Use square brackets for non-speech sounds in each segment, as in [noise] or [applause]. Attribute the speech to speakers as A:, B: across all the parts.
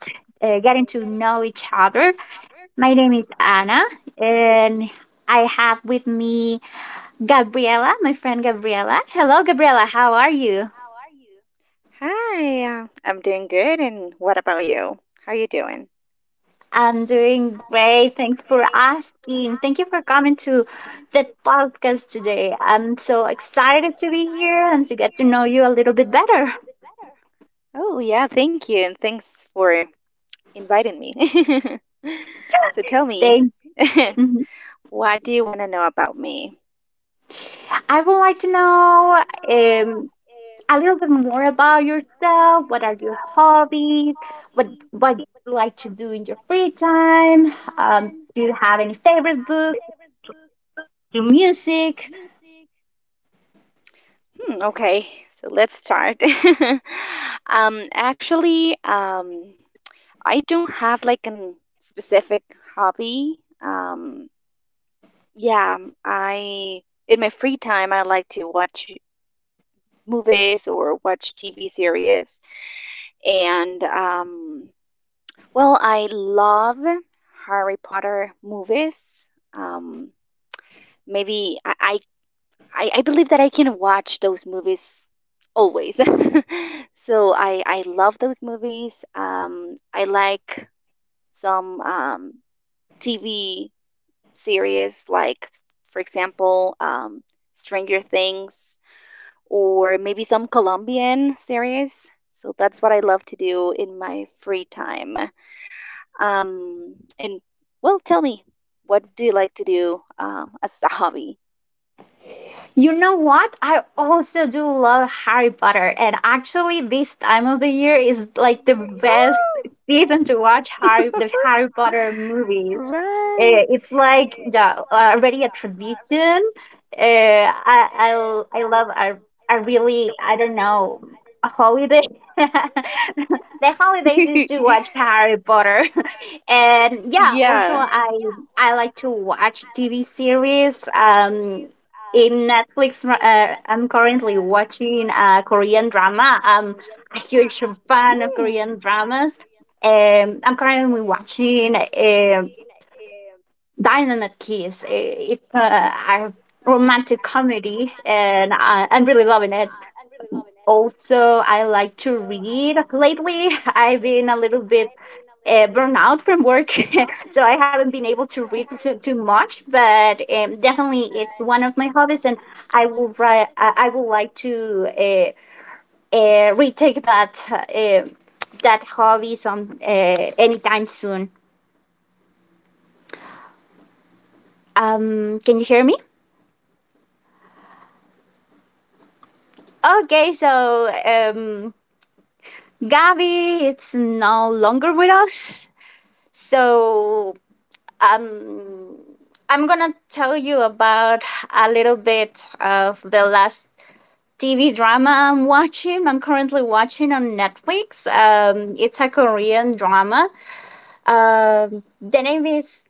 A: getting to know each other. My name is Anna, and I have with me Gabriela, my friend Gabriela. Hello, Gabriela, how are you?
B: Hi, I'm doing good. And what about you? How are you doing?
A: I'm doing great. Thanks for asking. Thank you for coming to the podcast today. I'm so excited to be here and to get to know you a little bit better.
B: Oh, yeah, thank you. And thanks for inviting me. [laughs] So tell me,
A: Thank.
B: [laughs]
A: Mhm.
B: what do you want to know about me?
A: I would like to know um, a little bit more about yourself. What are your hobbies? What do you like to do in your free time? Do you have any favorite books? Do music?
B: Hmm, okay, so let's start. [laughs] um, actually, um, I don't have like a specific hobby. Um, yeah, I in my free time I like to watch movies or watch TV series. And well, I love Harry Potter movies. Um, maybe I believe that I can watch those movies always. [laughs] So I love those movies. I like some TV series like, for example, Stranger Things or maybe some Colombian series. So that's what I love to do in my free time. And well, tell me, what do you like to do as a hobby?
A: You know what? I also do love Harry Potter, and actually, this time of the year is like the best season to watch Harry the
B: [laughs]
A: Harry Potter movies.
B: Right.
A: It's like yeah, already a tradition. I love a really I don't know a holiday. [laughs] The holidays is to
B: [laughs]
A: watch Harry Potter, [laughs] and yeah,
B: Yeah.
A: also I like to watch TV series. In Netflix. I'm currently watching a Korean drama. I'm a huge fan of
B: Mm.
A: Korean dramas. I'm currently watching Dynamite Kiss. It's a romantic comedy, and I'm really loving it. Also, I like to read. Lately, [laughs] I've been a little bit burned out from work, [laughs] so I haven't been able to read too much. But definitely, it's one of my hobbies, and I will ri- I would like to retake that that hobby some anytime soon. Can you hear me? Okay, so Gabby, it's no longer with us. So um, I'm gonna tell you about a little bit of the last TV drama I'm watching. I'm currently watching on Netflix. It's a Korean drama. The name is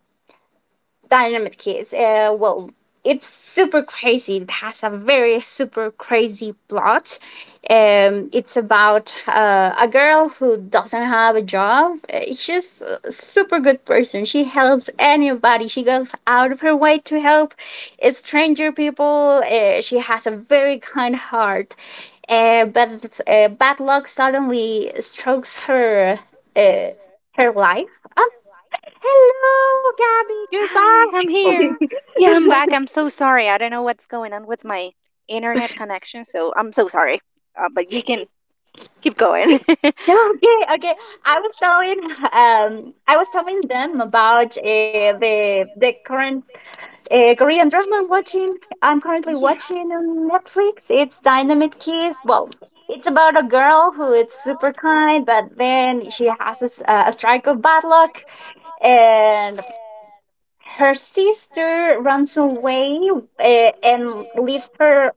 A: Dynamic case. Well, it's super crazy. It has a very super crazy plot. It's about a girl who doesn't have a job. She's a super good person. She helps anybody. She goes out of her way to help stranger people. She has a very kind heart. But bad luck suddenly strokes her uh, her life. I'm Hello, Gabby, you're
B: Hi,
A: back.
B: I'm here. Yeah, I'm back. I'm so sorry. I don't know what's going on with my internet connection, so I'm so sorry. But you can keep going. [laughs] Yeah.
A: [laughs] Okay, okay. I was telling I was telling them about the the current Korean drama I'm watching. I'm currently watching on Netflix. It's Dynamite Kiss. Well, it's about a girl who is super kind, but then she has a, a strike of bad luck, and her sister runs away and leaves her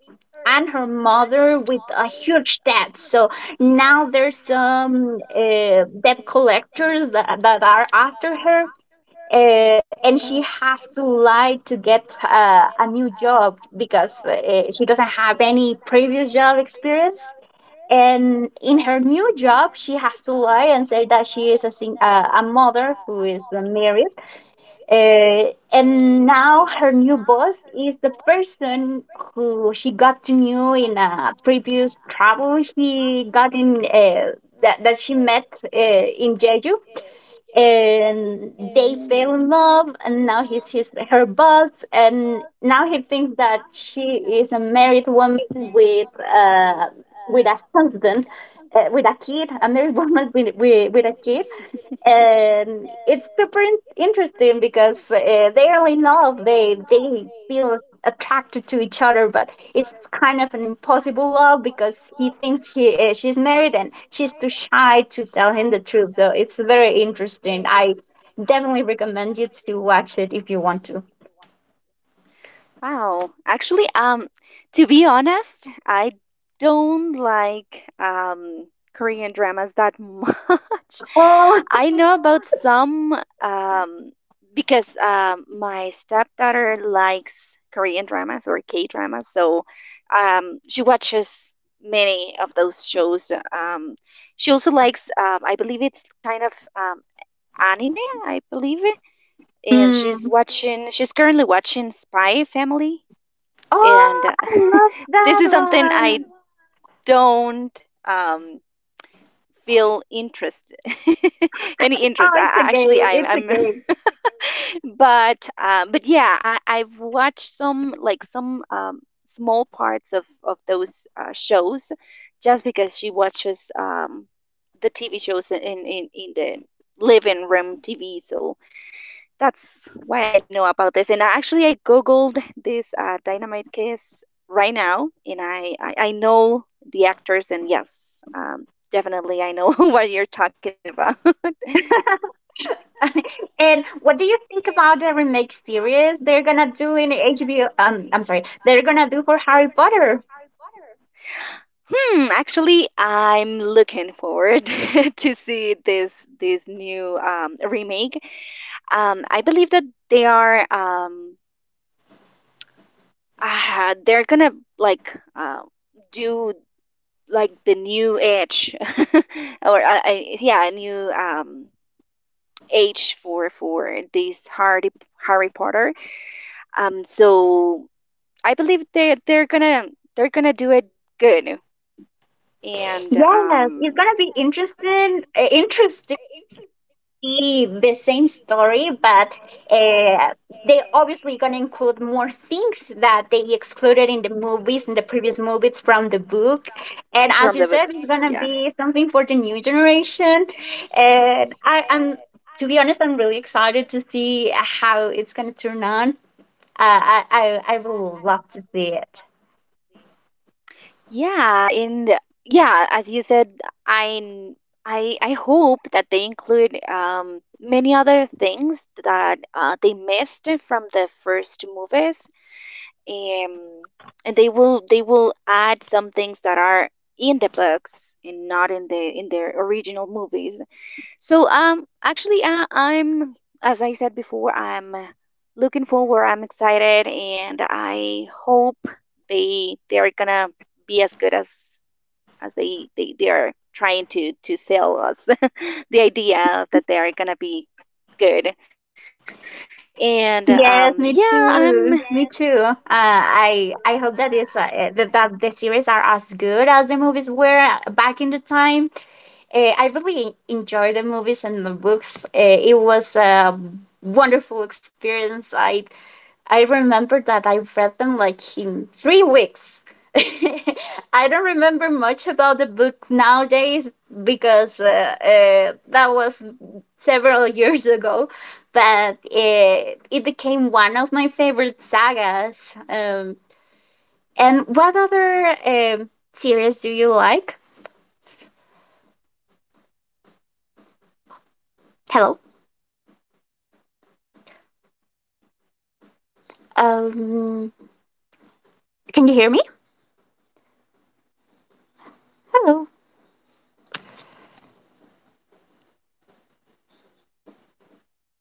A: and her mother with a huge debt. So now there's some debt collectors that are after her. And she
B: Oh.
A: has to lie to get a new job because she doesn't have any previous job experience. And in her new job, she has to lie and say that she is a, a mother who is married and now her new boss is the person who she got to know in a previous travel he got in that she met in Jeju and they fell in love and now he's his her boss and now he thinks that she is a married woman uh with a husband with a kid a married [laughs] woman with a kid and it's super interesting because they are in love they feel attracted to each other but it's kind of an impossible love because he thinks he she's married and she's too shy to tell him the truth so it's very interesting. I definitely recommend you to watch it if you want to.
B: Wow. Actually, to be honest, I don't like Korean dramas that much.
A: Oh,
B: [laughs] I know about some um because my stepdaughter likes Korean dramas or K dramas, so she watches many of those shows. She also likes I believe it's kind of anime, I believe, and
A: mm.
B: she's currently watching Spy Family, and
A: Oh, I love
B: [laughs] this
A: that
B: is something I
A: one.
B: don't feel interest [laughs] any
A: Oh,
B: interest.
A: it's a
B: I
A: game,
B: actually I'm [laughs] but yeah, I've watched some like some small parts of those shows just because she watches the TV shows in the living room TV, so that's why I know about this. And I googled this Dynamite Kiss right now, and I know the actors, and yes, definitely I know [laughs] what you're talking about. [laughs]
A: [laughs] and what do you think about the remake series they're gonna do in HBO? I'm sorry, they're gonna do for Harry Potter.
B: Hmm. Actually, I'm looking forward [laughs] to see this new remake. I believe that they are they're gonna like do like the new age [laughs] or I yeah, a new age for this Harry Potter, so I believe they're gonna do it good, and
A: Yes, it's gonna be interesting. Interestingly, the same story, but uh, they obviously gonna include more things that they excluded in the movies, in the previous movies from the book. And as
B: from
A: you
B: the
A: said, it's
B: books.
A: gonna be
B: Yeah.
A: something for the new generation. And to be honest, I'm really excited to see how it's gonna turn on. Uh, I, I will love to see it.
B: Yeah, and yeah, as you said, I n- I hope that they include many other things that they missed from the first movies, um, and they will add some things that are in the books and not in their original movies. So actually, I'm, as I said before, I'm looking forward. I'm excited, and I hope they're gonna be as good as they are trying to sell us [laughs] the idea that they are gonna be good. And yeah,
A: Yes, me
B: I'm
A: too. Me too. I hope that is that the series are as good as the movies were back in the time. I really enjoy the movies and the books. It was a wonderful experience. I remember that I read them like in 3 weeks. [laughs] I don't remember much about the book
B: what
A: nowadays
B: [laughs]
A: because that was several [laughs] years ago, but it became one of my favorite sagas. And what other series do you like? Hello.
B: Okay, sorry. It's kind of reconnecting, but I'm here. [laughs]
A: Um,
B: Another
A: Can you
B: series.
A: hear me?
B: Mm, yeah. Can you
A: Hello.
B: hear me? Hello,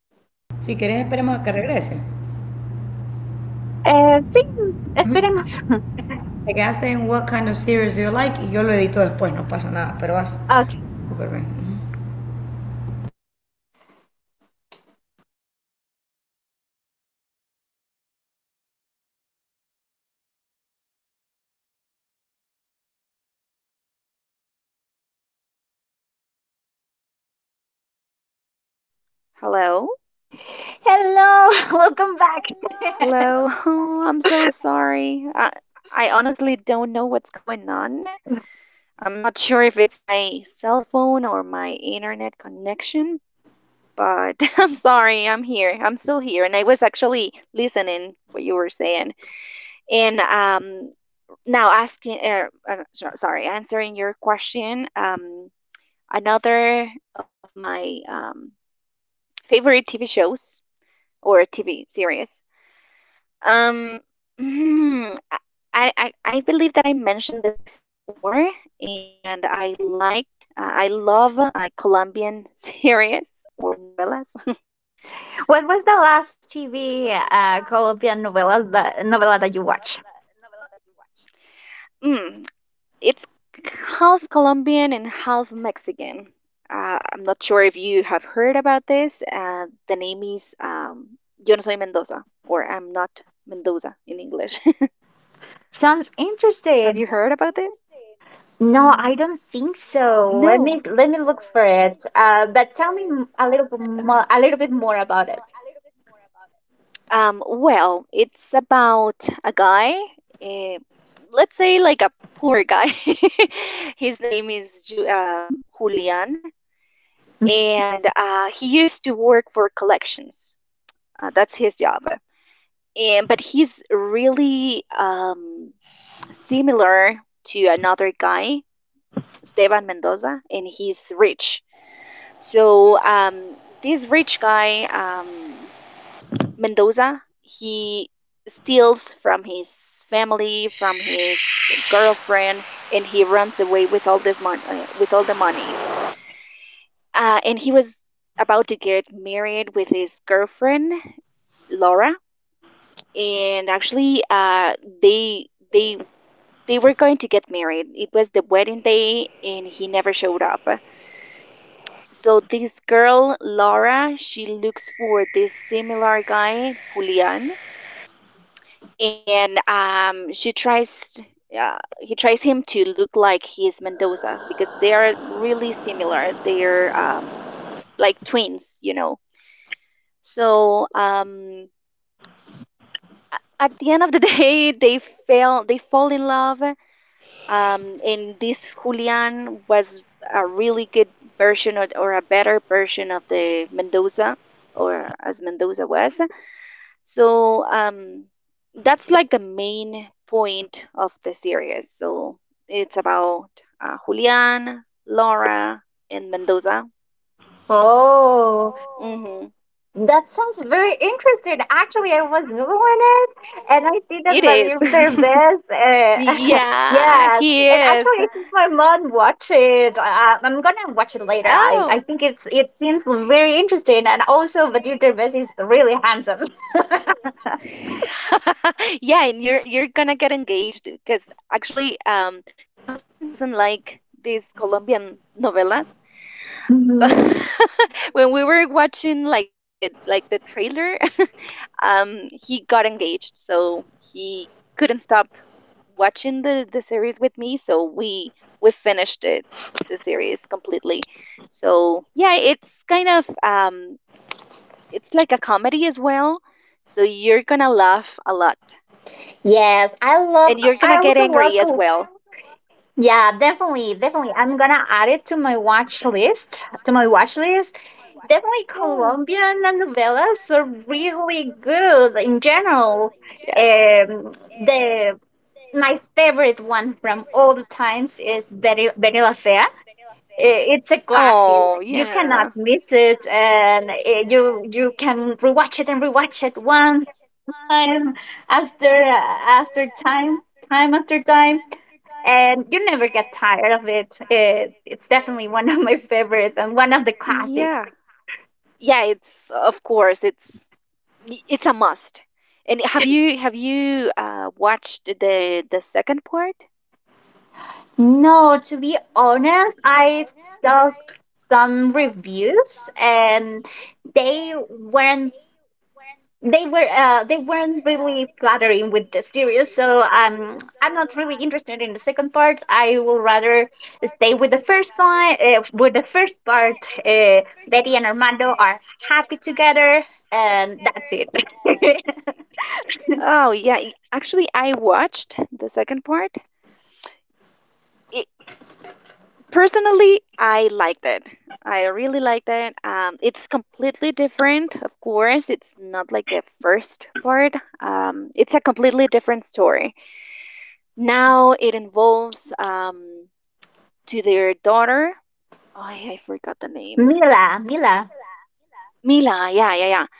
B: Anna.
C: Si querés, esperemos a que regrese.
B: Are you there?
A: Sí, esperemos. [laughs]
C: Te quedaste en "What Kind of
B: Can
C: Series Do You
B: you
C: Like" y
B: hear
C: yo lo
B: me?
C: edito después, no pasa nada, pero vas
A: Okay.
C: súper bien.
B: Hello, hello, hello, Anna. Can you hear me? Hello,
A: Hello, [laughs] welcome back. [laughs]
B: hello. [laughs] Oh, I'm so sorry. I honestly don't know what's going on. I'm not sure if it's my cell phone or my internet connection, but [laughs] I'm sorry, I'm here. I'm still here, and I was actually listening what you were saying. And now asking, sorry, answering your question. Another of my favorite TV shows or TV series. Um, [laughs] hmm, I believe that I mentioned this before, and I liked, I love Colombian [laughs] series or novellas.
A: What was the last TV Colombian novelas novela that you watched?
B: [laughs] Mm, it's half Colombian and half Mexican. I'm not sure if you have heard about this. The name is Yo no soy Mendoza, or I'm not Mendoza in English.
A: Sounds
B: [laughs] Have
A: interesting.
B: you heard about this?
A: No, I don't think so.
B: No.
A: Let me look for it. But tell me a little bit
B: Okay.
A: more, a little bit more about it.
B: Well, it's about a guy, uh, let's say like a poor guy. [laughs] His name is Julian, and he used to work for collections. That's his job. And But he's really similar to another guy, Esteban Mendoza, and he's rich. So this rich guy, Mendoza, he steals from his family, from his girlfriend, and he runs away with all this with all the money. And he was about to get married with his girlfriend, Laura. And actually, they they were going to get married. It was the wedding day, and he never showed up. So this girl, Laura, she looks for this similar guy, Julian, and she tries. He tries him to look like he's Mendoza because they are really similar. They're like twins, you know. So at the end of the [laughs] day, they fail. Fall in love, and this Julian was a really good version of, or a better version of the Mendoza, or as Mendoza was. So that's like the main point of the series. So it's about Julian, Laura, and Mendoza.
A: Oh,
B: Hmm.
A: that sounds very interesting. Actually, I was Googling it and I see that
B: It
A: they're
B: is.
A: best.
B: [laughs]
A: [laughs] Yes.
B: Yeah,
A: And
B: he
A: actually, I
B: is.
A: think
B: Yeah.
A: my mom watched it. I'm going to watch it later.
B: Oh, [laughs]
A: I think it seems very interesting. And also, Vadir Derbez is really handsome. [laughs]
B: yeah, and you're gonna get engaged because actually, my husband doesn't like these Colombian novelas, but
A: Hmm.
B: [laughs] when we were watching like the trailer, [laughs] he got engaged, so he couldn't stop watching the series with me. So we finished it, the series completely. So yeah, it's kind of it's like a comedy as well, so you're gonna laugh a lot
A: Yes.
B: and you're
A: I
B: gonna get
A: also
B: angry as
A: love.
B: well.
A: Yeah, definitely, definitely. I'm gonna add it to my watch list. Definitely
B: Yeah.
A: Colombian novellas are really good in general. Um, the my favorite one from all the times is Betty La Fea. It's a
B: It's
A: classic. You
B: Oh,
A: cannot miss it, and you you can rewatch it and rewatch it one time after after time, time after time and you never get tired of it. It it's definitely one of my [laughs] favorites and one of the classics.
B: the yeah, it's of course it's y- it's a must. And have you watched the second part?
A: No, to be honest, I saw some reviews and they weren't they were they weren't really flattering with the series, so I'm not really interested in the second part. I will rather stay with the first one, with the first part. Betty and Armando are happy together and that's it. [laughs]
B: Oh, actually, I watched the second part. It, Personally, I liked it. I really liked it. It's completely different, of course. It's not like the first part. It's a completely different story. Now it involves to their daughter. Oh, I forgot the name.
A: Mila, Mila.
B: Mila. Yeah, yeah, yeah.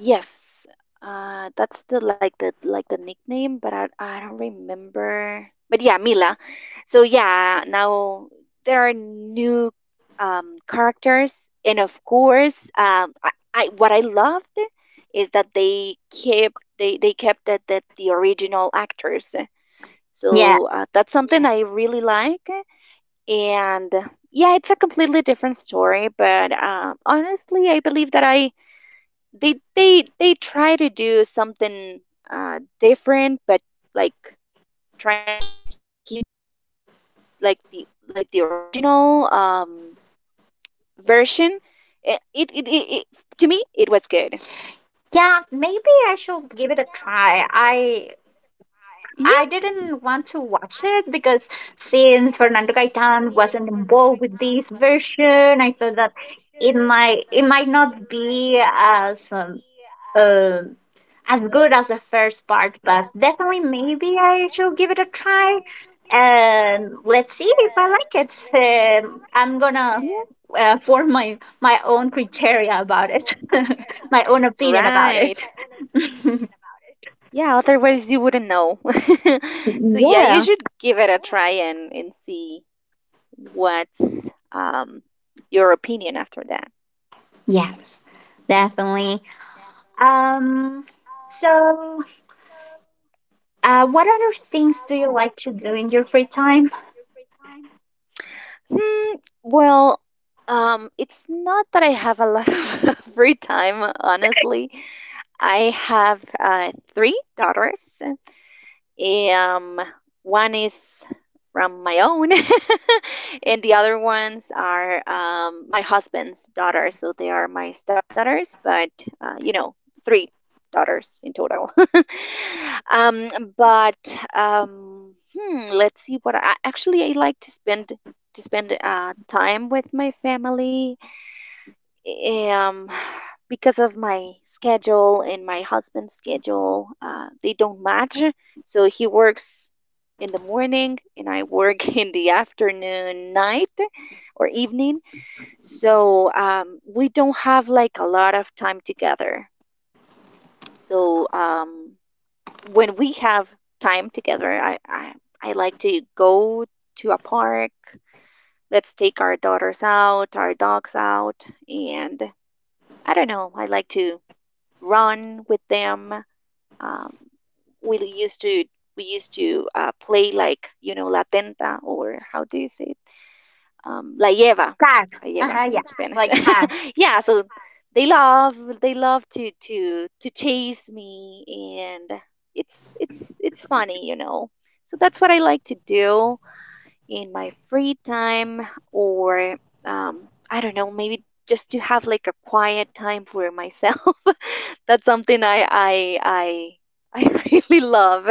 B: Yes, that's still like the nickname, but I don't remember. But yeah, Mila. So yeah, now there are new characters, and of course, I what I loved is that they kept that the original actors.
A: Yeah.
B: So that's something I really like, and yeah, it's a completely different story. But honestly, I believe that I they try to do something different but like trying to keep like the original version. It To me, it was good.
A: Yeah, maybe I should give it a try.
B: Yeah.
A: I didn't want to watch it because since Fernando Gaitan wasn't involved with this version, I thought that it might not be um as good as the first part, but definitely maybe I should give it a try. And let's see if I like it. I'm
B: Yeah,
A: gonna form my own criteria about it, [laughs] my own opinion about
B: right.
A: it.
B: Yeah, otherwise you wouldn't know. [laughs] So yeah, you
A: Yeah.
B: should give it a try and see what's your opinion after that.
A: Yes. Definitely. Um. So, what other things do you like to do in your free time?
B: Hmm, well, it's not that I have a lot of [laughs] free time, honestly. I have three daughters. Um, One is from my own, [laughs] and the other ones are my husband's daughters. So they are my stepdaughters, but you know, three daughters in total. [laughs] um, but let's see what I like to spend time with my family, um because of my schedule and my husband's schedule, they don't match. So he works in the morning and I work [laughs] in the afternoon, night, or evening. So we don't have like a lot of time together. So when we have time together, I like to go to a park, let's take our daughters out, our dogs out, and I don't know, I like to run with them. Um, we used to play like, you know, la tenta, or how do you say it, la lleva,
A: Tag.
B: la
A: Uh
B: lleva
A: huh. Yeah.
B: in Spanish.
A: Like tag.
B: [laughs] Yeah, so they love to chase me, and it's funny, you know. So that's what I like to do in my free time, or um, I don't know, maybe just to have like a quiet time for myself. [laughs] That's something I [laughs] really love.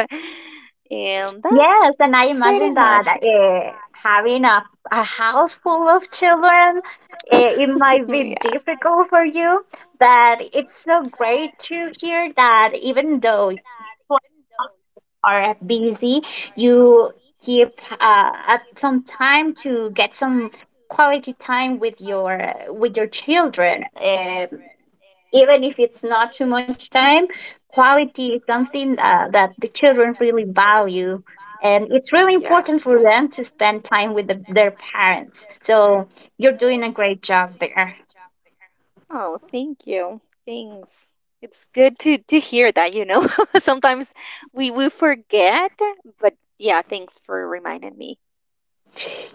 B: And that's
A: Yes, and I
B: pretty
A: imagine that
B: much
A: having a house full of children,
B: [laughs] yeah.
A: it might be difficult for you, but it's so great to hear that even though you are busy, you keep at some time to get some quality time with your children. Even if it's not too much time, quality is something that the children really value and it's really
B: Yeah.
A: important for them to spend time with their parents, so you're doing a great job there.
B: Oh, thank you. Thanks. It's good to hear that, you know. [laughs] Sometimes we forget, but yeah, thanks for reminding me.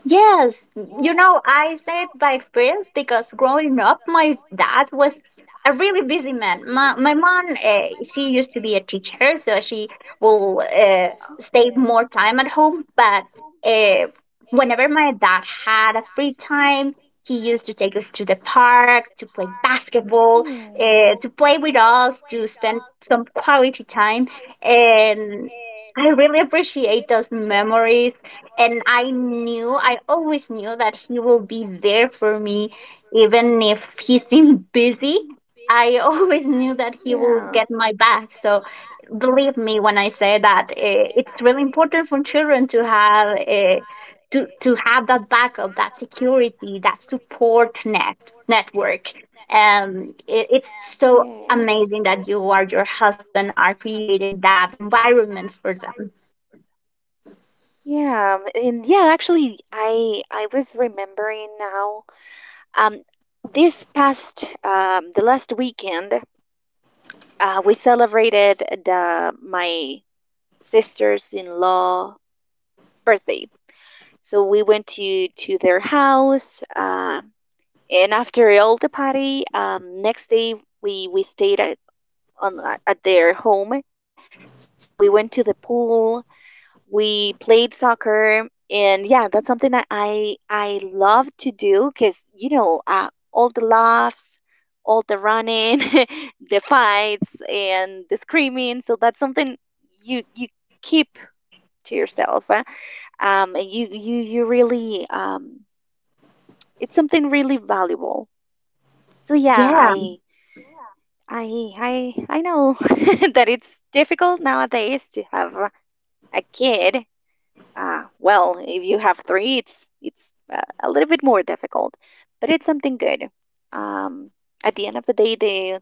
A: Yes, you know, I said by experience because growing up, my dad was a really busy man. My mom, she used to be a teacher, so she will stay more time at home. But uh, whenever my dad had a free time, he used to take us to the park to play basketball,
B: Mm,
A: to play with us, to spend some quality time. And I really appreciate those memories. And I always knew that he will be there for me, even if he seemed busy. I always [laughs] knew that
B: [laughs]
A: he will
B: yeah.
A: get my back. So believe me when I say that it's really important for children to have. To have that backup, that security, that support network. It, it's so
B: Yeah.
A: amazing that you or your husband are created that environment for them.
B: Yeah, and yeah, actually, I was remembering now. Um, this past the last weekend, we celebrated the, my sister's in law birthday. So we went to their house. And after all the party, next day we stayed at, on, at their home. So we went to the pool, we played soccer, and yeah, that's something that I love to do because you know, all the laughs, all the running, [laughs] the fights and the screaming. So that's something you keep to yourself, and you really, it's something really valuable. So yeah,
A: Yeah.
B: I know [laughs] that it's difficult nowadays to have a kid. Ah, well, if you have three, it's a little bit more difficult, but it's something good. Um, at the end of the day, they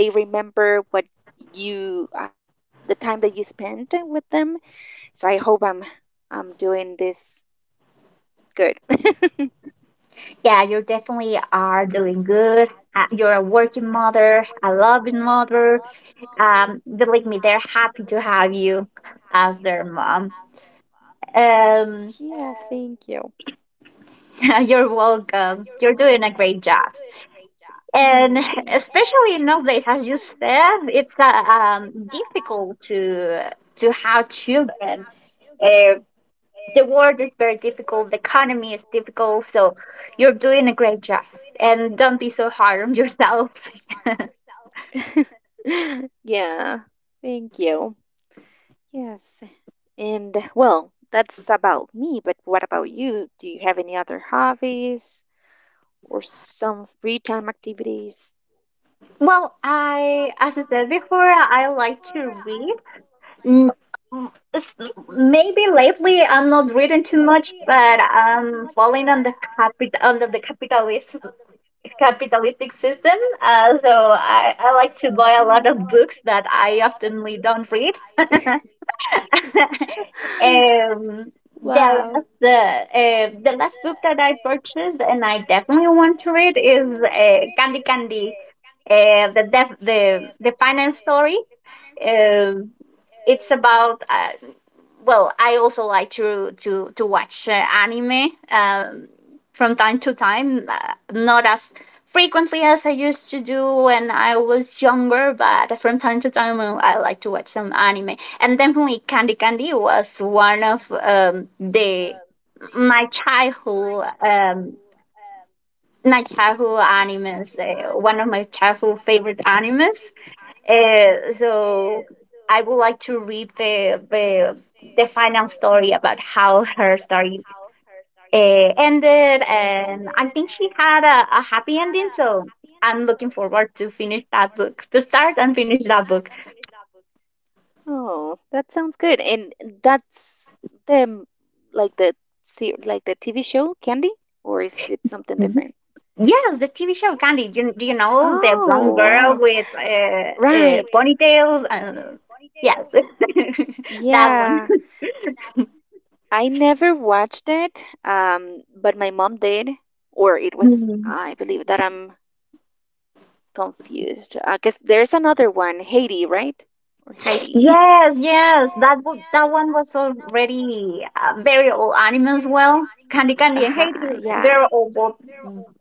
B: they remember what you the time that you spent with them. So I hope I'm doing this good. [laughs]
A: Yeah, you definitely are doing good. You're a working mother, a loving mother. Believe me, they're happy to have you as their mom. um
B: Yeah. And thank you.
A: [laughs] you're welcome. You're doing a great job, and
B: Mhm. Thanks.
A: especially
B: And
A: nowadays, as you
B: especially
A: said,
B: nowadays, as
A: it's
B: you said, it's
A: difficult
B: difficult
A: to
B: to
A: have children. Uh, the world is very difficult, the economy is difficult, so you're doing a great job. And don't be so hard on yourself. [laughs]
B: [laughs] yeah, thank you. Yes, and well, that's about me, but what about you? Do you have any other hobbies or some free time activities?
A: Well, I, as I said before, I like to read. Mm, mm, s- Maybe lately I'm not reading too much, but I'm falling on the capital under the capitalist capitalistic system. So I like to buy a lot of books
B: [laughs]
A: that I often don't read. [laughs]
B: [laughs]
A: um,
B: Wow.
A: the last the last book that I purchased and I definitely want to read is Candy Candy, the the final story. Um it's about well, I also like to watch anime from time to time, not as frequently as I used to do when I was younger, but from time to time I like to watch some anime. And definitely Candy Candy was one of the my childhood um, my childhood animes, one of my childhood favorite animes. So I would like to read the final story about how her story ended, and I think she had a happy ending. So I'm looking forward to finish that book, to start and finish that book.
B: Oh, that sounds good. And that's them, like like the TV show Candy, or is it something
A: Mhm.
B: different?
A: Yes, the TV show Candy. Do you know the blonde
B: Oh,
A: girl
B: wow.
A: with
B: Right.
A: ponytails? And, yes, [laughs] that one.
B: Yeah. I never watched it, but my mom did, or it was, I believe that I'm confused. I guess there's another one, Haiti, right? Or Heidi. [laughs]
A: Yes, yes, that one was already very old anime as well. Candy Candy and hades,
B: Uh-huh, yeah.
A: they're all both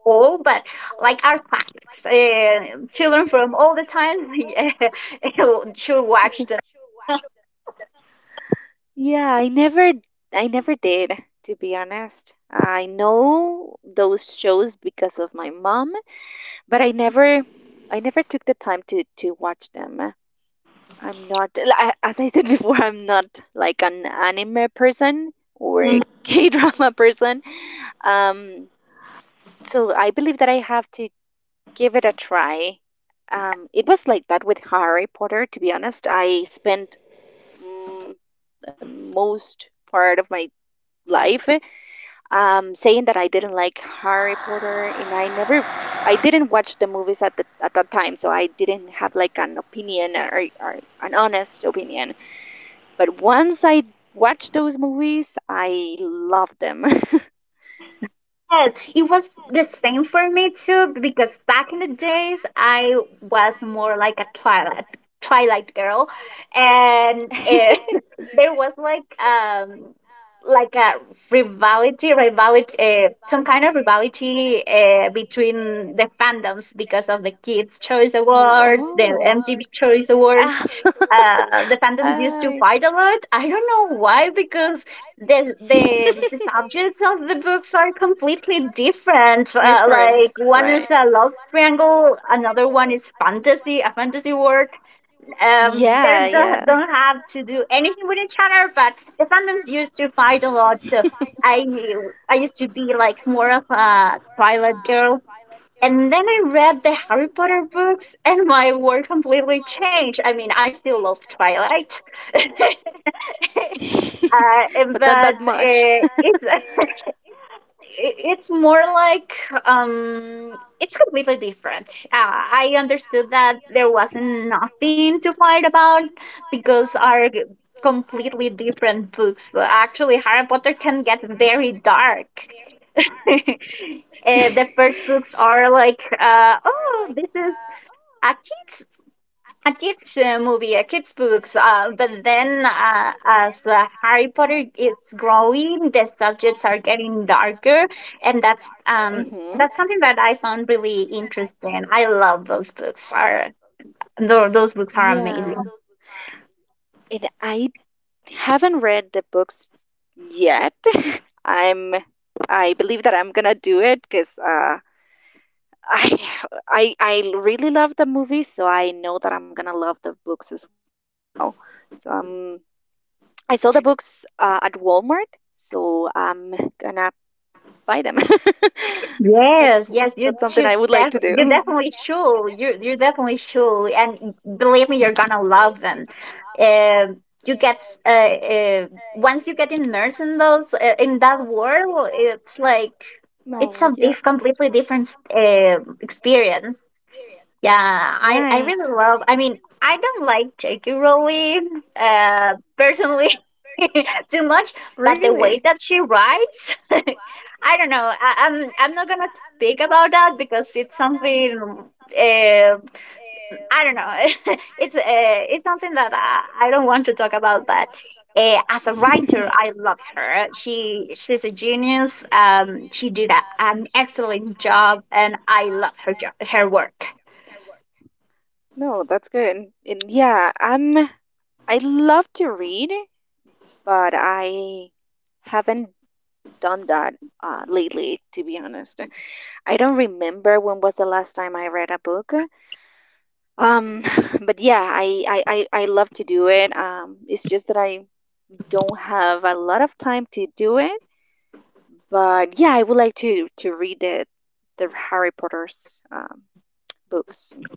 A: old, but like are classics. Children from all the time [laughs] yeah, should watch them.
B: Yeah, I never did, to be honest. I know those shows because of my mom, but I never took the time to watch them. I'm not li- As I said before, I'm not like an anime person or a [laughs] K-drama person. Um so I believe that I have to give it a try. It was like that with Harry Potter, to be honest. I spent mm, the most part of my life saying that I didn't like Harry Potter, and I never, I didn't watch the movies at that time, so I didn't have like an opinion or an honest opinion. But once I watched those movies, I loved them.
A: Yes, it was the same for me too because back in the days I was more like a twilight girl and eh, [laughs] there was
B: [laughs]
A: like a rivalry some kind of rivalry between the fandoms because of the kids choice awards, the MTV choice awards, the fandoms used to
B: [laughs]
A: fight a lot. I don't know why,
B: [laughs]
A: because
B: [laughs]
A: the subjects of the books are completely different. Like one is a love triangle, another one is fantasy, a fantasy world. They
B: Yeah,
A: don't
B: yeah.
A: don't have to do anything with each other, but the fandoms used to fight a lot. So I I used to be like more of a Twilight girl, and then I read the Harry Potter books, and my world completely changed. I mean, I still love Twilight, [laughs] uh,
B: [laughs] But
A: but
B: not [laughs]
A: it's [laughs] it's more like it's completely different. I understood that there wasn't nothing to fight about because completely different books. But actually, Harry Potter can get very dark. [laughs]
B: [laughs]
A: Eh, the first books
B: [laughs]
A: are like, oh, this is a kids a kids movie, a kids books. But then, as Harry Potter is growing, the subjects are getting darker, and
B: Mm-hmm.
A: that's something that I found really interesting. I love those books. Those books are
B: Yeah.
A: amazing.
B: Amazing. And I haven't read the books yet. [laughs] I'm I believe that I'm gonna do it because I I really love the movie, so I know that I'm gonna love the books as well. So I saw the books at Walmart, so I'm gonna buy them. [laughs] that's
A: Yes, yes,
B: that's
A: you
B: something I
A: should
B: would like to
A: def you
B: do.
A: definitely should. You
B: [laughs]
A: definitely should, and believe me, you're gonna love them. Um, you get s- uh, uh once you get immersed in those in that world, it's like it's
B: No,
A: a
B: yeah,
A: diff completely different experience. Yeah, I
B: right.
A: really love. I mean, I don't
B: [laughs]
A: like turkey rolling, personally, [laughs] too much. But the way that she writes, [laughs] I don't know. I'm not gonna speak about that because it's something. Uh, I don't know. [laughs] It's something that I don't want to talk about. But as a writer, I love her. She's a genius. She did an excellent job, and I love her job, her work.
B: No, that's good. And yeah, I love to read, but I haven't done that lately, to be honest. I don't remember when was the last time I read a book. Um, [sighs] but yeah, I love to do it. It's just that I don't have a lot of time to do it. But yeah, I would like to read the Harry Potter's books.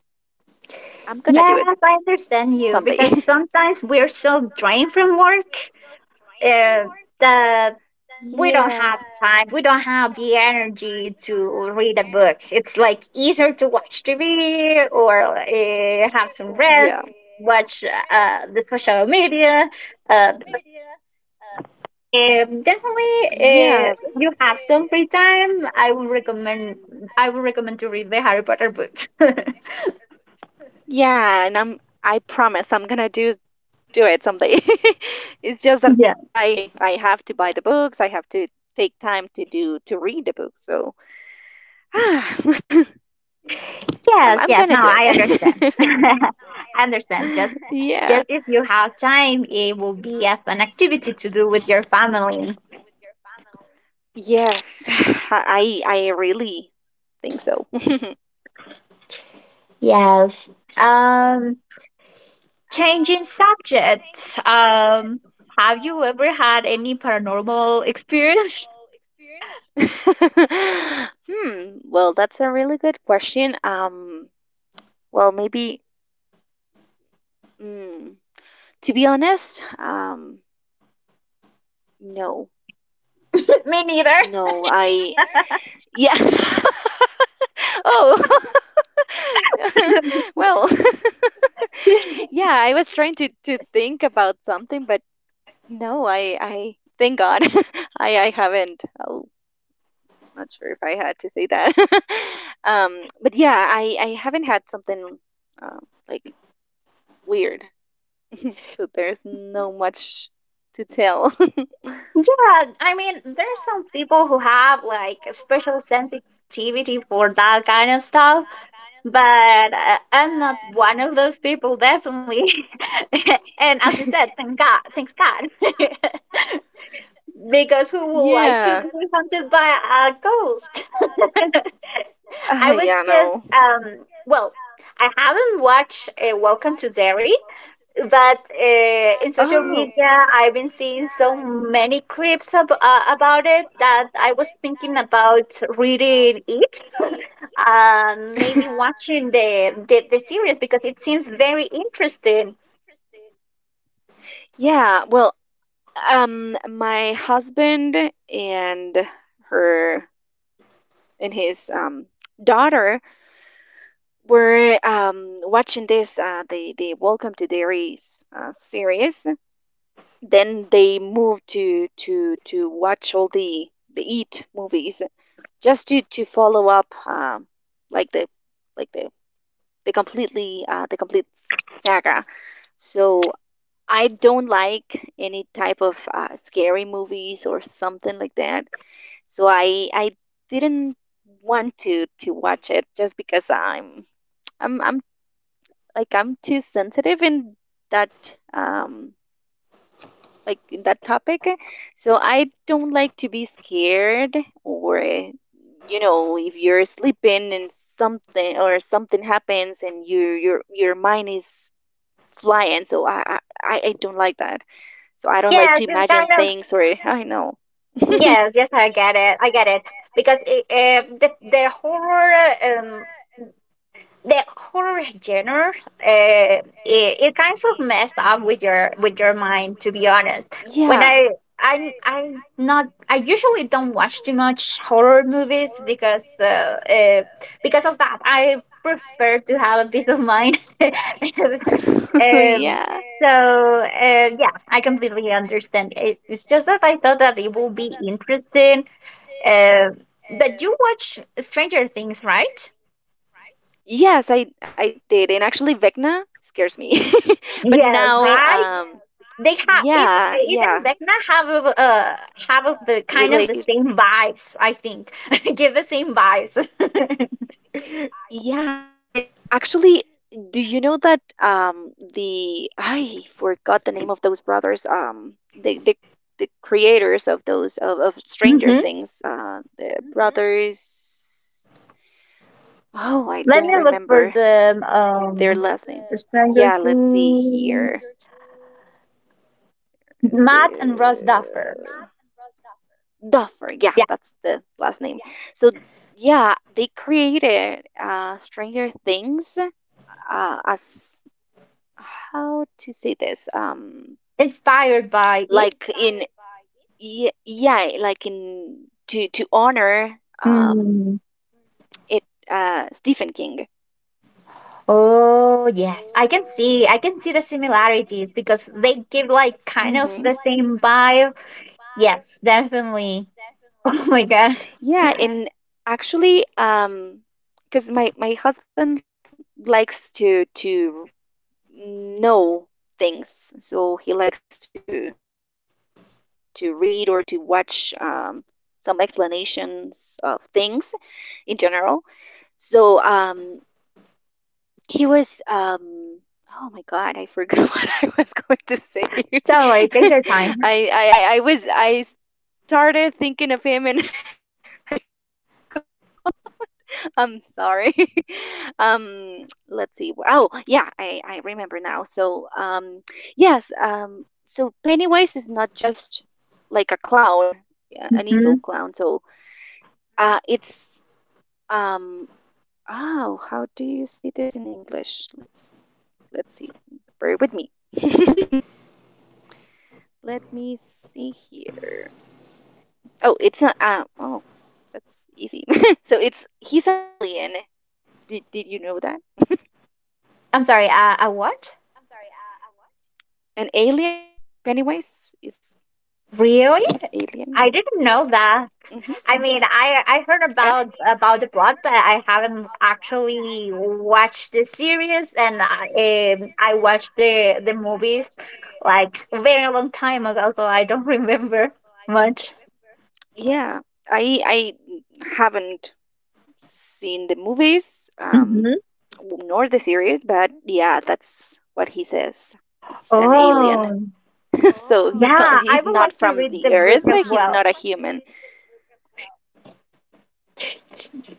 B: I'm gonna do it
A: Yes, I understand you
B: someday.
A: because
B: [laughs]
A: sometimes we're so drained from work uh, that we don't
B: Yeah.
A: have time, we don't have the energy to read a book. It's like easier to watch TV or have some
B: Yeah.
A: rest, watch the social media. Uh, definitely,
B: Yeah.
A: if you have some free time. I would recommend to read the Harry Potter books. [laughs]
B: Yeah, and I promise I'm gonna do it someday. [laughs] It's just that
A: yeah.
B: I have to buy the books. I have to take time to read the books. So [sighs] I'm
A: Yes,
B: I'm
A: yes.
B: gonna
A: Now
B: do
A: I understand.
B: it.
A: [laughs]
B: [laughs]
A: I understand.
B: [laughs] [laughs] Yeah.
A: Just if you have time, it will be a fun activity to do with your family.
B: Yes. [sighs] I really think so. [laughs]
A: Yes. Um, changing subjects. Um, have you ever had any paranormal experience?
B: Hmm. Well, that's a really good question. Well, maybe. Mm, To be honest, no,
A: [laughs] Me neither.
B: no, yes. [laughs] Oh, [laughs] well, [laughs] yeah, I was trying to think about something, but no, thank God, [laughs] I haven't. Oh, not sure if I had to say that. [laughs] But yeah, I haven't had something uh, like weird, [laughs] so there's no much to tell.
A: [laughs] yeah, I mean, there's some people who have like a special sensitivity for that kind of stuff, but I'm not one of those people, definitely. [laughs] And as you said, thank
B: [laughs]
A: God, thanks God, [laughs] because who would like to
B: Yeah.
A: be hunted by a ghost? [laughs] I was
B: Yeah,
A: just
B: no.
A: well, I haven't watched Welcome to Derry, but in social
B: Oh.
A: media, I've been seeing so many clips about it that I was thinking about reading it [laughs] and maybe watching
B: [laughs]
A: the series because it seems very interesting.
B: Yeah, well, my husband and her and his daughter we're watching this the Welcome to Dairy series. Then they moved to watch all the Eat movies, just to follow up, like the like the the complete saga. So I don't like any type of scary movies or something like that. So I didn't want to watch it just because I'm I'm I'm too sensitive in that um in that topic. So I don't like to be scared or if you're sleeping and something happens and your mind is flying. So I don't like that. So I don't like
A: Yes,
B: to
A: it's
B: imagine, yeah,
A: kind of.
B: things or I know. [laughs]
A: Yes, yes, I get it. I get it because it, um, the horror genre it, it kind of messed up with your mind, to be honest. When
B: Yeah.
A: I usually don't watch too much horror movies because uh, because of that I prefer to have a peace of mind. [laughs]
B: [laughs]
A: Um,
B: Yeah.
A: so yeah, I completely understand it, it's just that I thought that it will be interesting uh, but you watch Stranger Things, right?
B: Yes, I did, and actually Vecna scares me.
A: Yes, right.
B: [laughs] But now,
A: They have it, and Vecna
B: yeah,
A: have a,
B: yeah,
A: uh, have a, the kind of the same vibes, I
B: relate. [laughs]
A: think. [laughs] Give the same vibes.
B: Yeah, it actually. Do you know that, the I forgot of those brothers, the the the creators of those, of Stranger
A: Hmm,
B: Things, the brothers. Oh, I
A: let me
B: don't
A: look for
B: remember
A: the
B: their last name.
A: Stranger
B: Yeah, let's see
A: Things
B: here.
A: Matt
B: The
A: and Ross Duffer,
B: Duffer.
A: yeah,
B: Yeah, that's the last name. So yeah, they created Stranger Things, as how to say this,
A: inspired by it.
B: like in, yeah, yeah, like in to honor,
A: Hmm.
B: um it Stephen King.
A: Oh yes, I can see, I can see the similarities because they give like kind of the same vibe, yes, definitely. [laughs] Oh my god,
B: Yeah, and actually, because my husband likes to know things, so he likes to read or to watch some explanations of things in general. So he was Oh my God, I forgot [laughs] what I was going to say.
A: don't worry, take your
B: [laughs]
A: time.
B: I started thinking of him and [laughs] I forgot. I'm sorry. [laughs] Let's see. Oh, yeah, I remember now. So, yes, so Pennywise is not just like a clown, yeah, an evil
A: [laughs]
B: clown. So, it's um, oh, how do you say this in English? Let's see. Bear with me. [laughs] Let me see. Oh, it's not. Oh, that's easy. [laughs] So it's he's an alien. Did you know that?
A: I'm sorry, a what?
B: An alien? Pennywise is
A: Really?
B: an alien.
A: I didn't know that.
B: Hmm.
A: I mean, I heard
B: Yeah.
A: about the plot, but I haven't actually watched the series, and I watched the movies like a very long time ago, so I don't [laughs] remember much.
B: Yeah, I haven't seen the movies,
A: Hmm.
B: nor the series, but yeah, that's what he says. It's an
A: Oh,
B: alien. [laughs]
A: yeah, I
B: He's
A: would
B: not
A: like to
B: from
A: read the
B: the
A: book
B: earth.
A: as
B: He's not
A: well.
B: a human.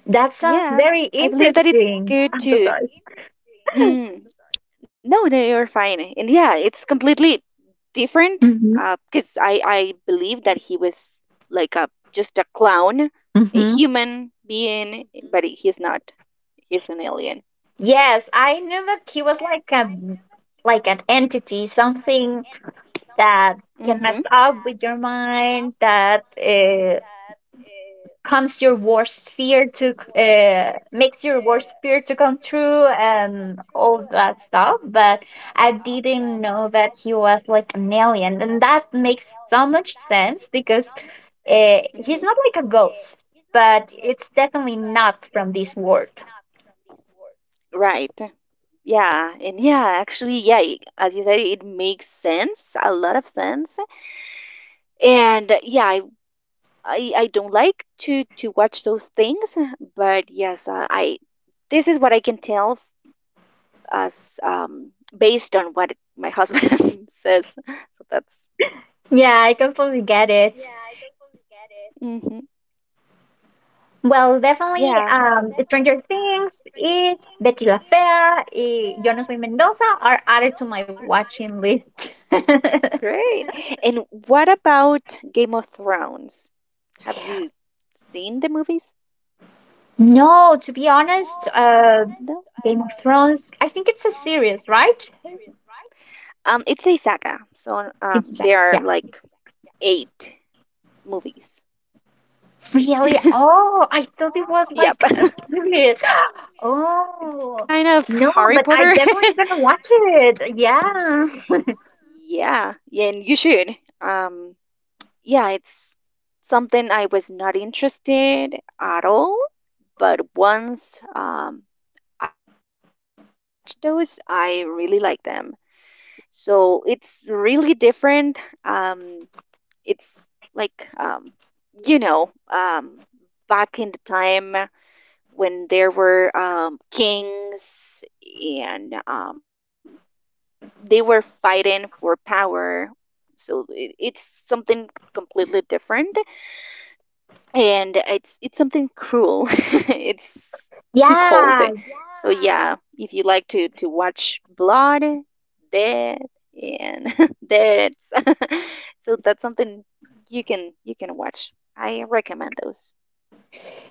A: That sounds
B: Yeah,
A: very
B: I believe that it's
A: interesting.
B: good
A: I'm so
B: to.
A: sorry.
B: Mm, no, no, you're fine. And yeah, it's completely different.
A: Hmm,
B: Because I believe that he was like a just a clown, a
A: hmm.
B: human being, but he's not. He's an alien.
A: Yes, I knew that he was like a like an entity, something that can mess
B: Mm-hmm.
A: up with your mind, that comes your worst fear to c- makes your worst fear to come true, and all that stuff. But I didn't know that he was like an alien, and that makes so much sense because
B: Mhm.
A: he's not like a ghost, but it's definitely not from this world.
B: Right. Yeah. And yeah, actually, yeah, as you said, it makes sense, a lot of sense. And yeah, don't like to watch those things, but yes, I this is what I can tell as based on what my husband [laughs] says. So that's.
A: Yeah, I completely get it.
B: Mhm.
A: Well, definitely,
B: Yeah.
A: Stranger Things, It, Betty La Fea, y Yo No Soy Mendoza are added to my watching list. [laughs]
B: Great. [laughs] And what about Game of Thrones? Have you seen the movies?
A: No, to be honest,
B: No.
A: Game of Thrones, I think it's a series, right?
B: It's a saga. So um, there
A: Yeah.
B: are like eight movies.
A: Really? Oh, I thought it was
B: [laughs]
A: like
B: Yep.
A: a
B: [laughs]
A: series. [gasps]
B: It's
A: Oh,
B: kind of
A: no,
B: Harry
A: but I
B: Potter. [laughs] Yeah.
A: definitely gonna watch it. Yeah.
B: Yeah, and you should. Um yeah, it's something I was not interested at all, but once I watched those, I really like them. So it's really different. Um it's like you know, um back in the time when there were kings and they were fighting for power. So it's something different, and it's something cruel. [laughs] It's
A: [laughs]
B: too cold.
A: yeah.
B: So yeah, if you like to watch blood, dead, and [laughs] deaths, [laughs] so that's something you can watch. I recommend those.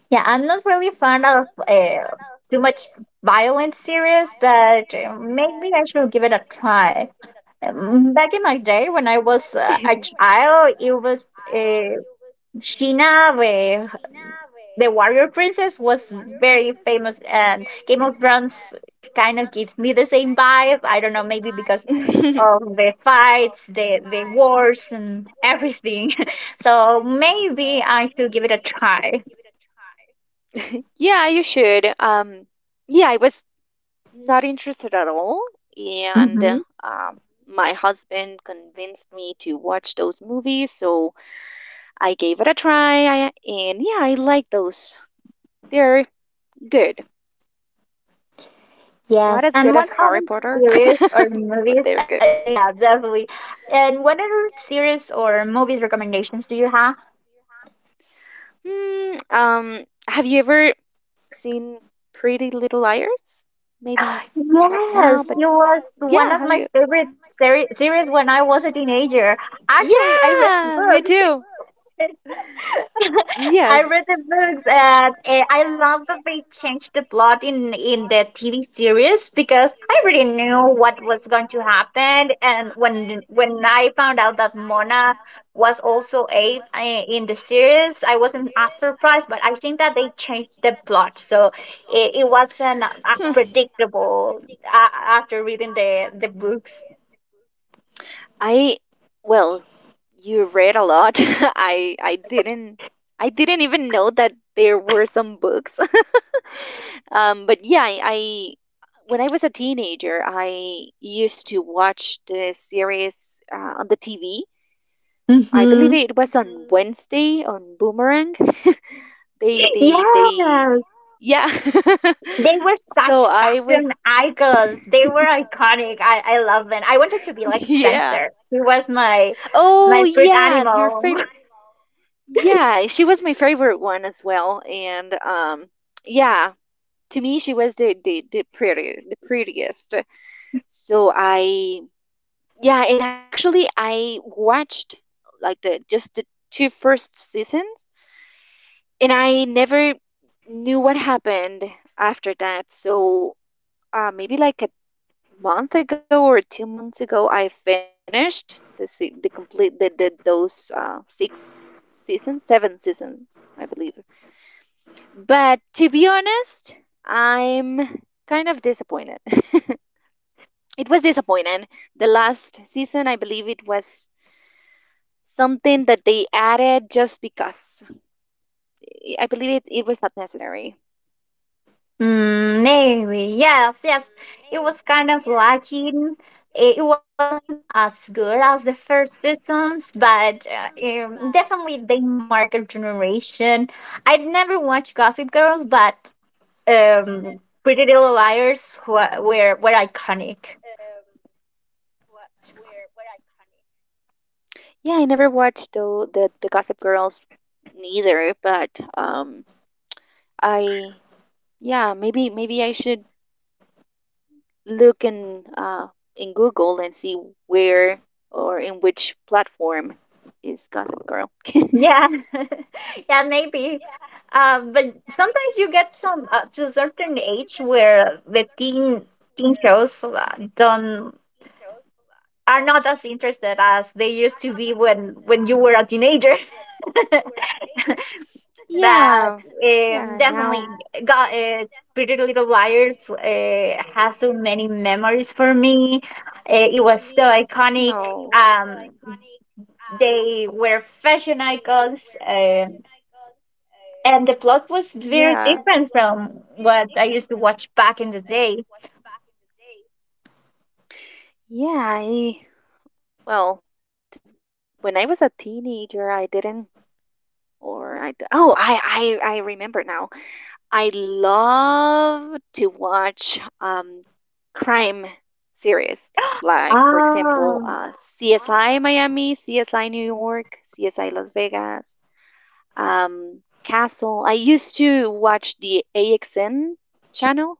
A: Yeah, I'm not really fond of too much violent series, but maybe I should give it a try. Back in my day, when I was a
B: [laughs]
A: child, it was Sheena, the warrior princess, was very famous, and Game of Thrones kind of gives me the same vibe. I don't know, maybe because
B: [laughs]
A: of the fights, the wars, and everything. [laughs] So maybe I should give it a try.
B: Yeah, you should. Yeah, I was not interested at all, and my husband convinced me to watch those movies, so I gave it a try, and yeah, I like those. They're good. Not
A: Yes,
B: as
A: and
B: good
A: one
B: as
A: other
B: Harry Potter, [laughs]
A: series or
B: but
A: movies,
B: they're good.
A: yeah, definitely. And what other series or movies recommendations do you have?
B: Hmm, have you ever seen Pretty Little Liars? Maybe not now,
A: Yes,
B: but
A: it was one
B: yeah,
A: of
B: have
A: my
B: you?
A: favorite series when I was a teenager. Actually, I read
B: Yeah, me
A: books
B: too.
A: [laughs] I
B: Yes.
A: read the books, and eh, I love that they changed the plot in the TV series because I already knew what was going to happen, and when I found out that Mona was also eighth eh, in the series, I wasn't as surprised, but I think that they changed the plot so it wasn't
B: [laughs]
A: as
B: Hmm.
A: predictable after reading the books.
B: I Well, you read a lot. [laughs] I I didn't I didn't even know that there were some books. [laughs] But yeah, I when I was a teenager, I used to watch the series on the TV. I believe
A: Mm-hmm.
B: it was on Wednesday on Boomerang. [laughs] They
A: Yes.
B: Yeah. [laughs]
A: They were
B: So
A: such
B: I was
A: fashion icons. They were
B: [laughs]
A: iconic. I love them. I wanted to be like
B: yeah.
A: Spencer. He was
B: Oh
A: my spirit
B: yeah, your
A: animal. [laughs]
B: favorite. Yeah, she was my favorite one as well. And yeah, to me she was the prettiest. So I yeah, and actually I watched like the just the two first seasons and I never knew what happened after that. So maybe like a month ago or 2 months ago, I finished the se- the complete the those six seasons, seven seasons, I believe. But to be honest, I'm kind of disappointed. [laughs] It was disappointing. The last season, I believe it was something that they added just because. I believe it was not necessary.
A: Mm, maybe. Yes, yes. It was kind of lacking. It wasn't as good as the first seasons, but definitely they marked a generation. I'd never watched Gossip Girls, but Pretty Little Liars were iconic.
B: Yeah, I never watched though the Gossip Girls neither, but um I yeah, maybe I should look in Google and see where or in which platform is Gossip Girl. [laughs]
A: Yeah, [laughs] yeah, maybe. But sometimes you get some to a certain age where the teen shows don't are not as interested as they used to be when you were a teenager. [laughs] That
B: Yeah. Yeah,
A: definitely
B: now
A: got Pretty Little Liars has so many memories for me. It was so iconic.
B: no.
A: Um, they were fashion icons. Um, and the plot was very
B: Yeah.
A: different from what I used to watch back in the day.
B: Yeah, I well, when I was a teenager, I didn't. Or oh, I remember now. I love to watch crime series, like for example,
A: Ah,
B: CSI Miami, CSI New York, CSI Las Vegas, um, Castle. I used to watch AXN channel.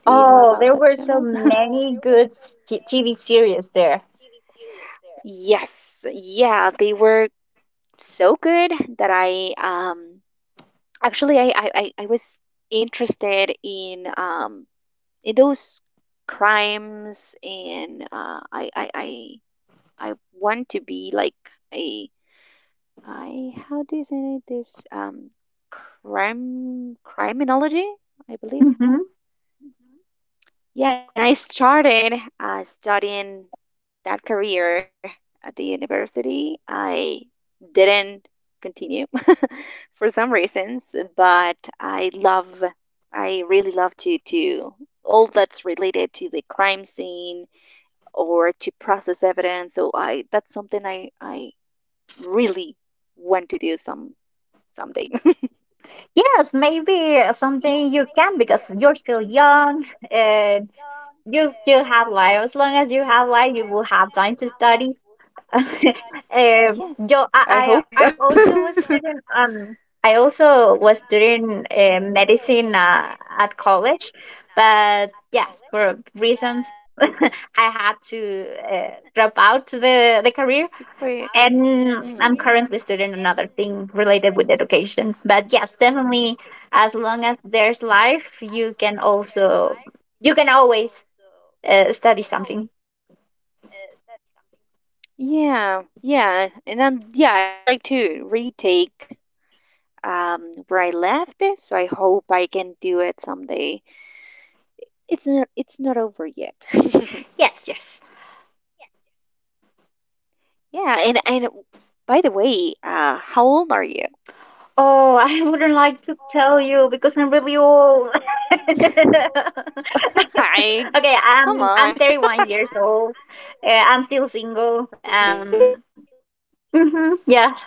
B: Do you know
A: oh,
B: about
A: there
B: that
A: were so
B: channel? [laughs]
A: many good TV series there.
B: Series there. Yes, yeah, they were so good that I actually, I was interested in those crimes, and I want to be like a, I how do you say this, crime criminology, I believe.
A: Hmm.
B: Yeah, and I started studying that career at the university. I didn't continue [laughs] for some reasons, but I really love to all that's related to the crime scene or to process evidence. So I that's something I really want to do someday.
A: Yes, maybe something you can because you're still young and you still have life. As long as you have life, you will have time to study. [laughs] Eh,
B: [laughs]
A: yo,
B: Yes, I
A: I
B: hope
A: also
B: so.
A: was
B: [laughs]
A: doing I also was doing medicine at college, but yes, for reasons, [laughs] I had to drop out the career,
B: To quit.
A: and I'm
B: Mm.
A: currently studying another thing related with education. But yes, definitely, as long as there's life, you can always study something.
B: Yeah, yeah, and yeah, I would like to retake um where I left it, so I hope I can do it someday. It's not over yet. [laughs]
A: Yes, yes.
B: Yeah, and by the way, how old are you?
A: Oh, I wouldn't like to tell you because I'm really old. [laughs] Okay,
B: [laughs] I Come
A: I'm
B: on,
A: 31 years old. I'm still
B: [laughs]
A: single.
B: really?
A: Mhm, yeah. [laughs]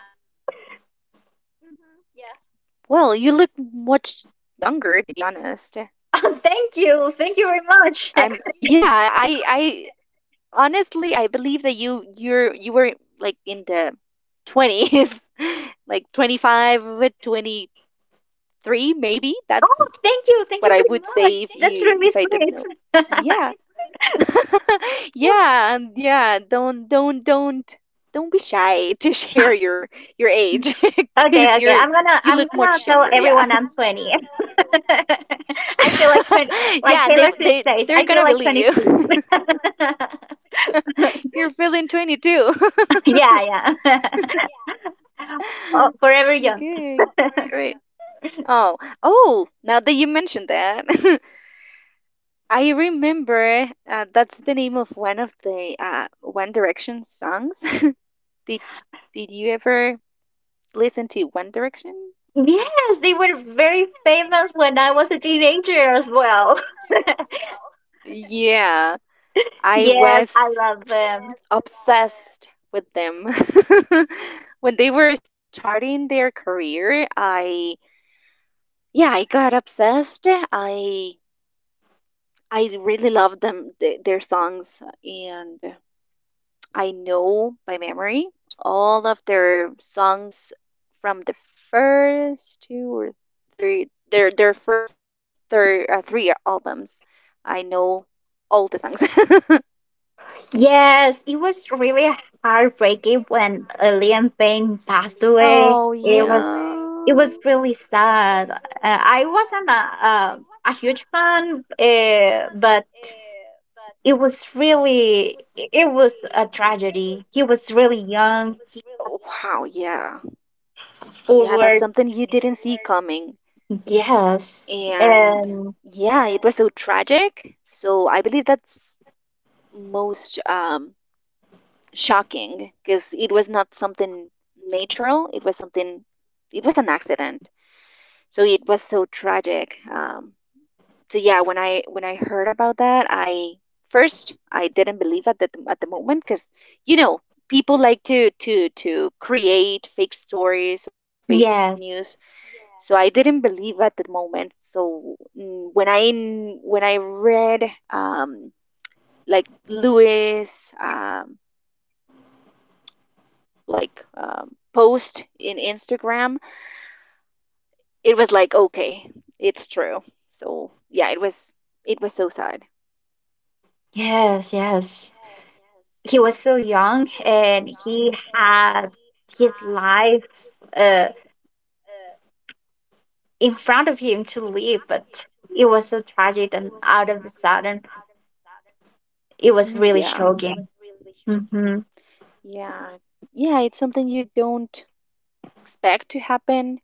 B: Well, you look much younger, to be honest.
A: Oh, thank you very
B: I'm
A: much. [laughs] Oh,
B: Yeah, I honestly I believe that you were like in the 20s, [laughs] like 25, 23 maybe. That's
A: thank
B: what
A: you
B: I
A: very
B: would
A: much.
B: say,
A: That's really
B: if I didn't know.
A: sweet.
B: Yeah. [laughs] Yeah, and yeah, don't be shy to [laughs] share your age [laughs]
A: Okay,
B: cuz
A: okay.
B: you
A: I'm
B: look
A: gonna
B: much
A: tell
B: younger. Yeah.
A: everyone I'm 20. [laughs] I feel like 20,
B: [laughs]
A: like
B: Yeah, and
A: Taylor Swift says.
B: they're
A: I
B: going
A: feel
B: to
A: like
B: believe you.
A: 22.
B: [laughs] You're feeling 22.
A: [laughs]
B: [laughs]
A: yeah, yeah. [laughs] Oh,
B: [laughs]
A: Forever Young.
B: Good. Great. Oh, oh, now that you mentioned that, [laughs] I remember, that's the name of one of the One Direction songs. [laughs] Did did you ever listen to One Direction?
A: Yes, they were very famous when I was a teenager as well. [laughs]
B: Yeah, I
A: Yes, I
B: was
A: love them.
B: obsessed with them. [laughs] When they were starting their career, I yeah, I got obsessed. I really love them, their songs, and I know by memory all of their songs from first two or three their first three albums. I know all the songs. [laughs]
A: Yes, it was really heartbreaking when Liam Payne passed
B: Oh
A: away. It
B: yeah.
A: was really sad. I wasn't a huge fan, but it was really it was a tragedy. He was really young,
B: Wow, yeah. Yeah, that's
A: forward.
B: something you didn't see coming.
A: Yes,
B: And
A: and
B: yes. Yeah, it was so tragic. So I believe that's most, shocking, because it was not something natural. It was something, it was an accident. So it was so tragic. So yeah, when I heard about that, I didn't believe at the moment, because you know people like to create fake stories or fake
A: yes,
B: news. So I didn't believe at the moment. So when when I read, um like Lewis, post in Instagram. It was like, okay, it's true. So yeah, it was so sad.
A: yes, yes. He was so young, and he had his life uh, in front of him to live, but it was so tragic, and out of a sudden, it was
B: Mhm,
A: really
B: yeah.
A: shocking. Mm-hmm.
B: Yeah. Yeah, it's something you don't expect to happen.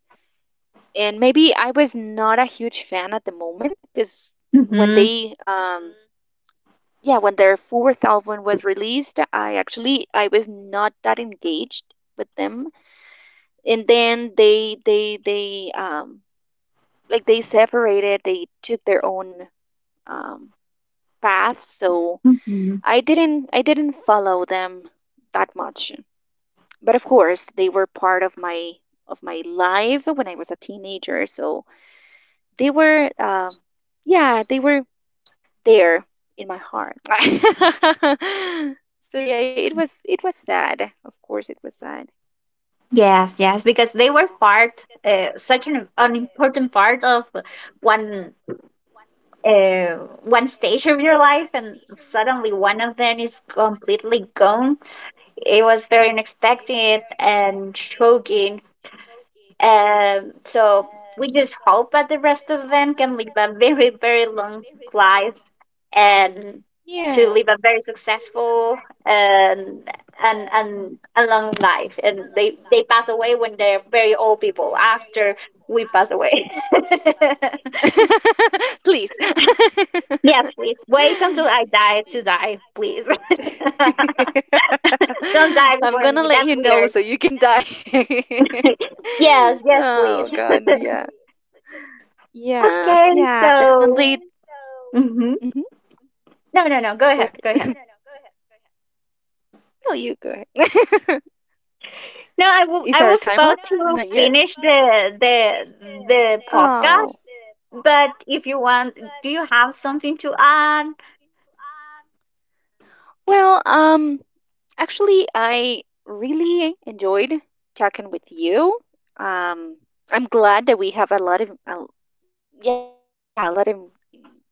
B: And maybe I was not a huge fan at the moment, because when
A: Mm-hmm.
B: they Mm-hmm. Yeah, when their fourth album was released, I actually I was not that engaged with them. And then they separated, they took their own um path, so
A: Mm-hmm.
B: I didn't follow them that much. But of course they were part of my life when I was a teenager. So they were, yeah, they were there in my heart. [laughs] So yeah, it was sad. Of course, it was sad.
A: Yes, yes, because they were part, such an important part of one uh, one stage of your life, and suddenly one of them is completely gone. It was very unexpected and shocking. So we just hope that the rest of them can live a very, very long life, and
B: Yeah.
A: to live a very successful and and a long life. And they pass away when they're very old people after we pass away. [laughs]
B: [laughs] Please.
A: Yes, please wait until
B: [laughs]
A: I die to
B: Y-
A: die, please. [laughs] Don't die
B: [laughs] I'm
A: before
B: gonna
A: me.
B: let
A: That's
B: you know
A: weird.
B: so you can die.
A: [laughs] Yes,
B: [laughs]
A: yes, please.
B: Oh god, yeah. Yeah,
A: Okay,
B: yeah,
A: so
B: definitely.
A: hmm
B: hmm
A: no, no, no. Go
B: Go
A: ahead, go
B: ahead.
A: ahead.
B: No, you go ahead.
A: No,
B: [laughs] Is
A: I
B: our
A: was
B: time up?
A: about to
B: Not yet.
A: finish the the
B: Oh.
A: podcast, but if you want, do you have something to add?
B: Well, actually, I really enjoyed talking with you. Um, I'm glad that we have a lot of, yeah, a lot of in common.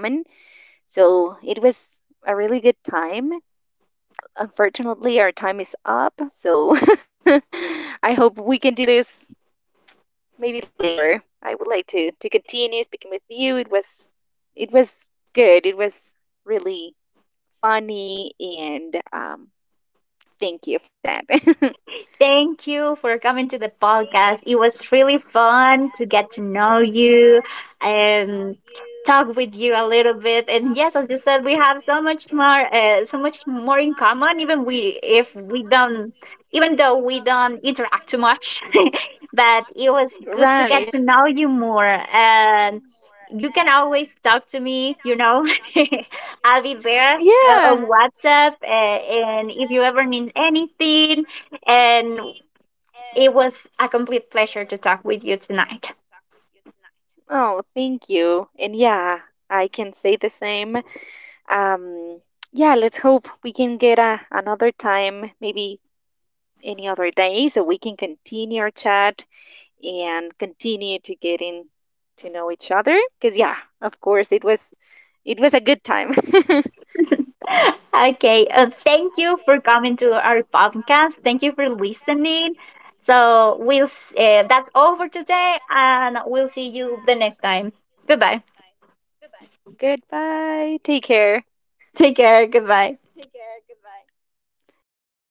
B: So it was a really good time. Unfortunately, our time is up. So [laughs] I hope we can do this maybe later. I would like to continue speaking with you. It was good. It was really funny, and thank you for that.
A: Thank you for coming to the podcast. It was really fun to get to know you and talk with you a little bit. And yes, as you said, we have so much more, so much more in common. Even though we don't interact too much,
B: [laughs]
A: [laughs] but it was good to
B: Right.
A: get to know you more. And you can always talk to me. You know, [laughs] I'll be there
B: Yeah.
A: on WhatsApp. And if you ever need anything, and it was a complete pleasure to talk with you tonight.
B: Oh, thank you. And yeah, I can say the same. Um, yeah, let's hope we can get another time, maybe any other day, so we can continue our chat and continue to getting to know each other, because yeah, of course it was a good time.
A: [laughs] Okay, thank you for coming to our podcast. Thank you for listening. That's all for today, and we'll see you the next time. Goodbye.
B: [laughs] Goodbye. Take care.
A: [laughs] Take care. Goodbye.
B: Goodbye.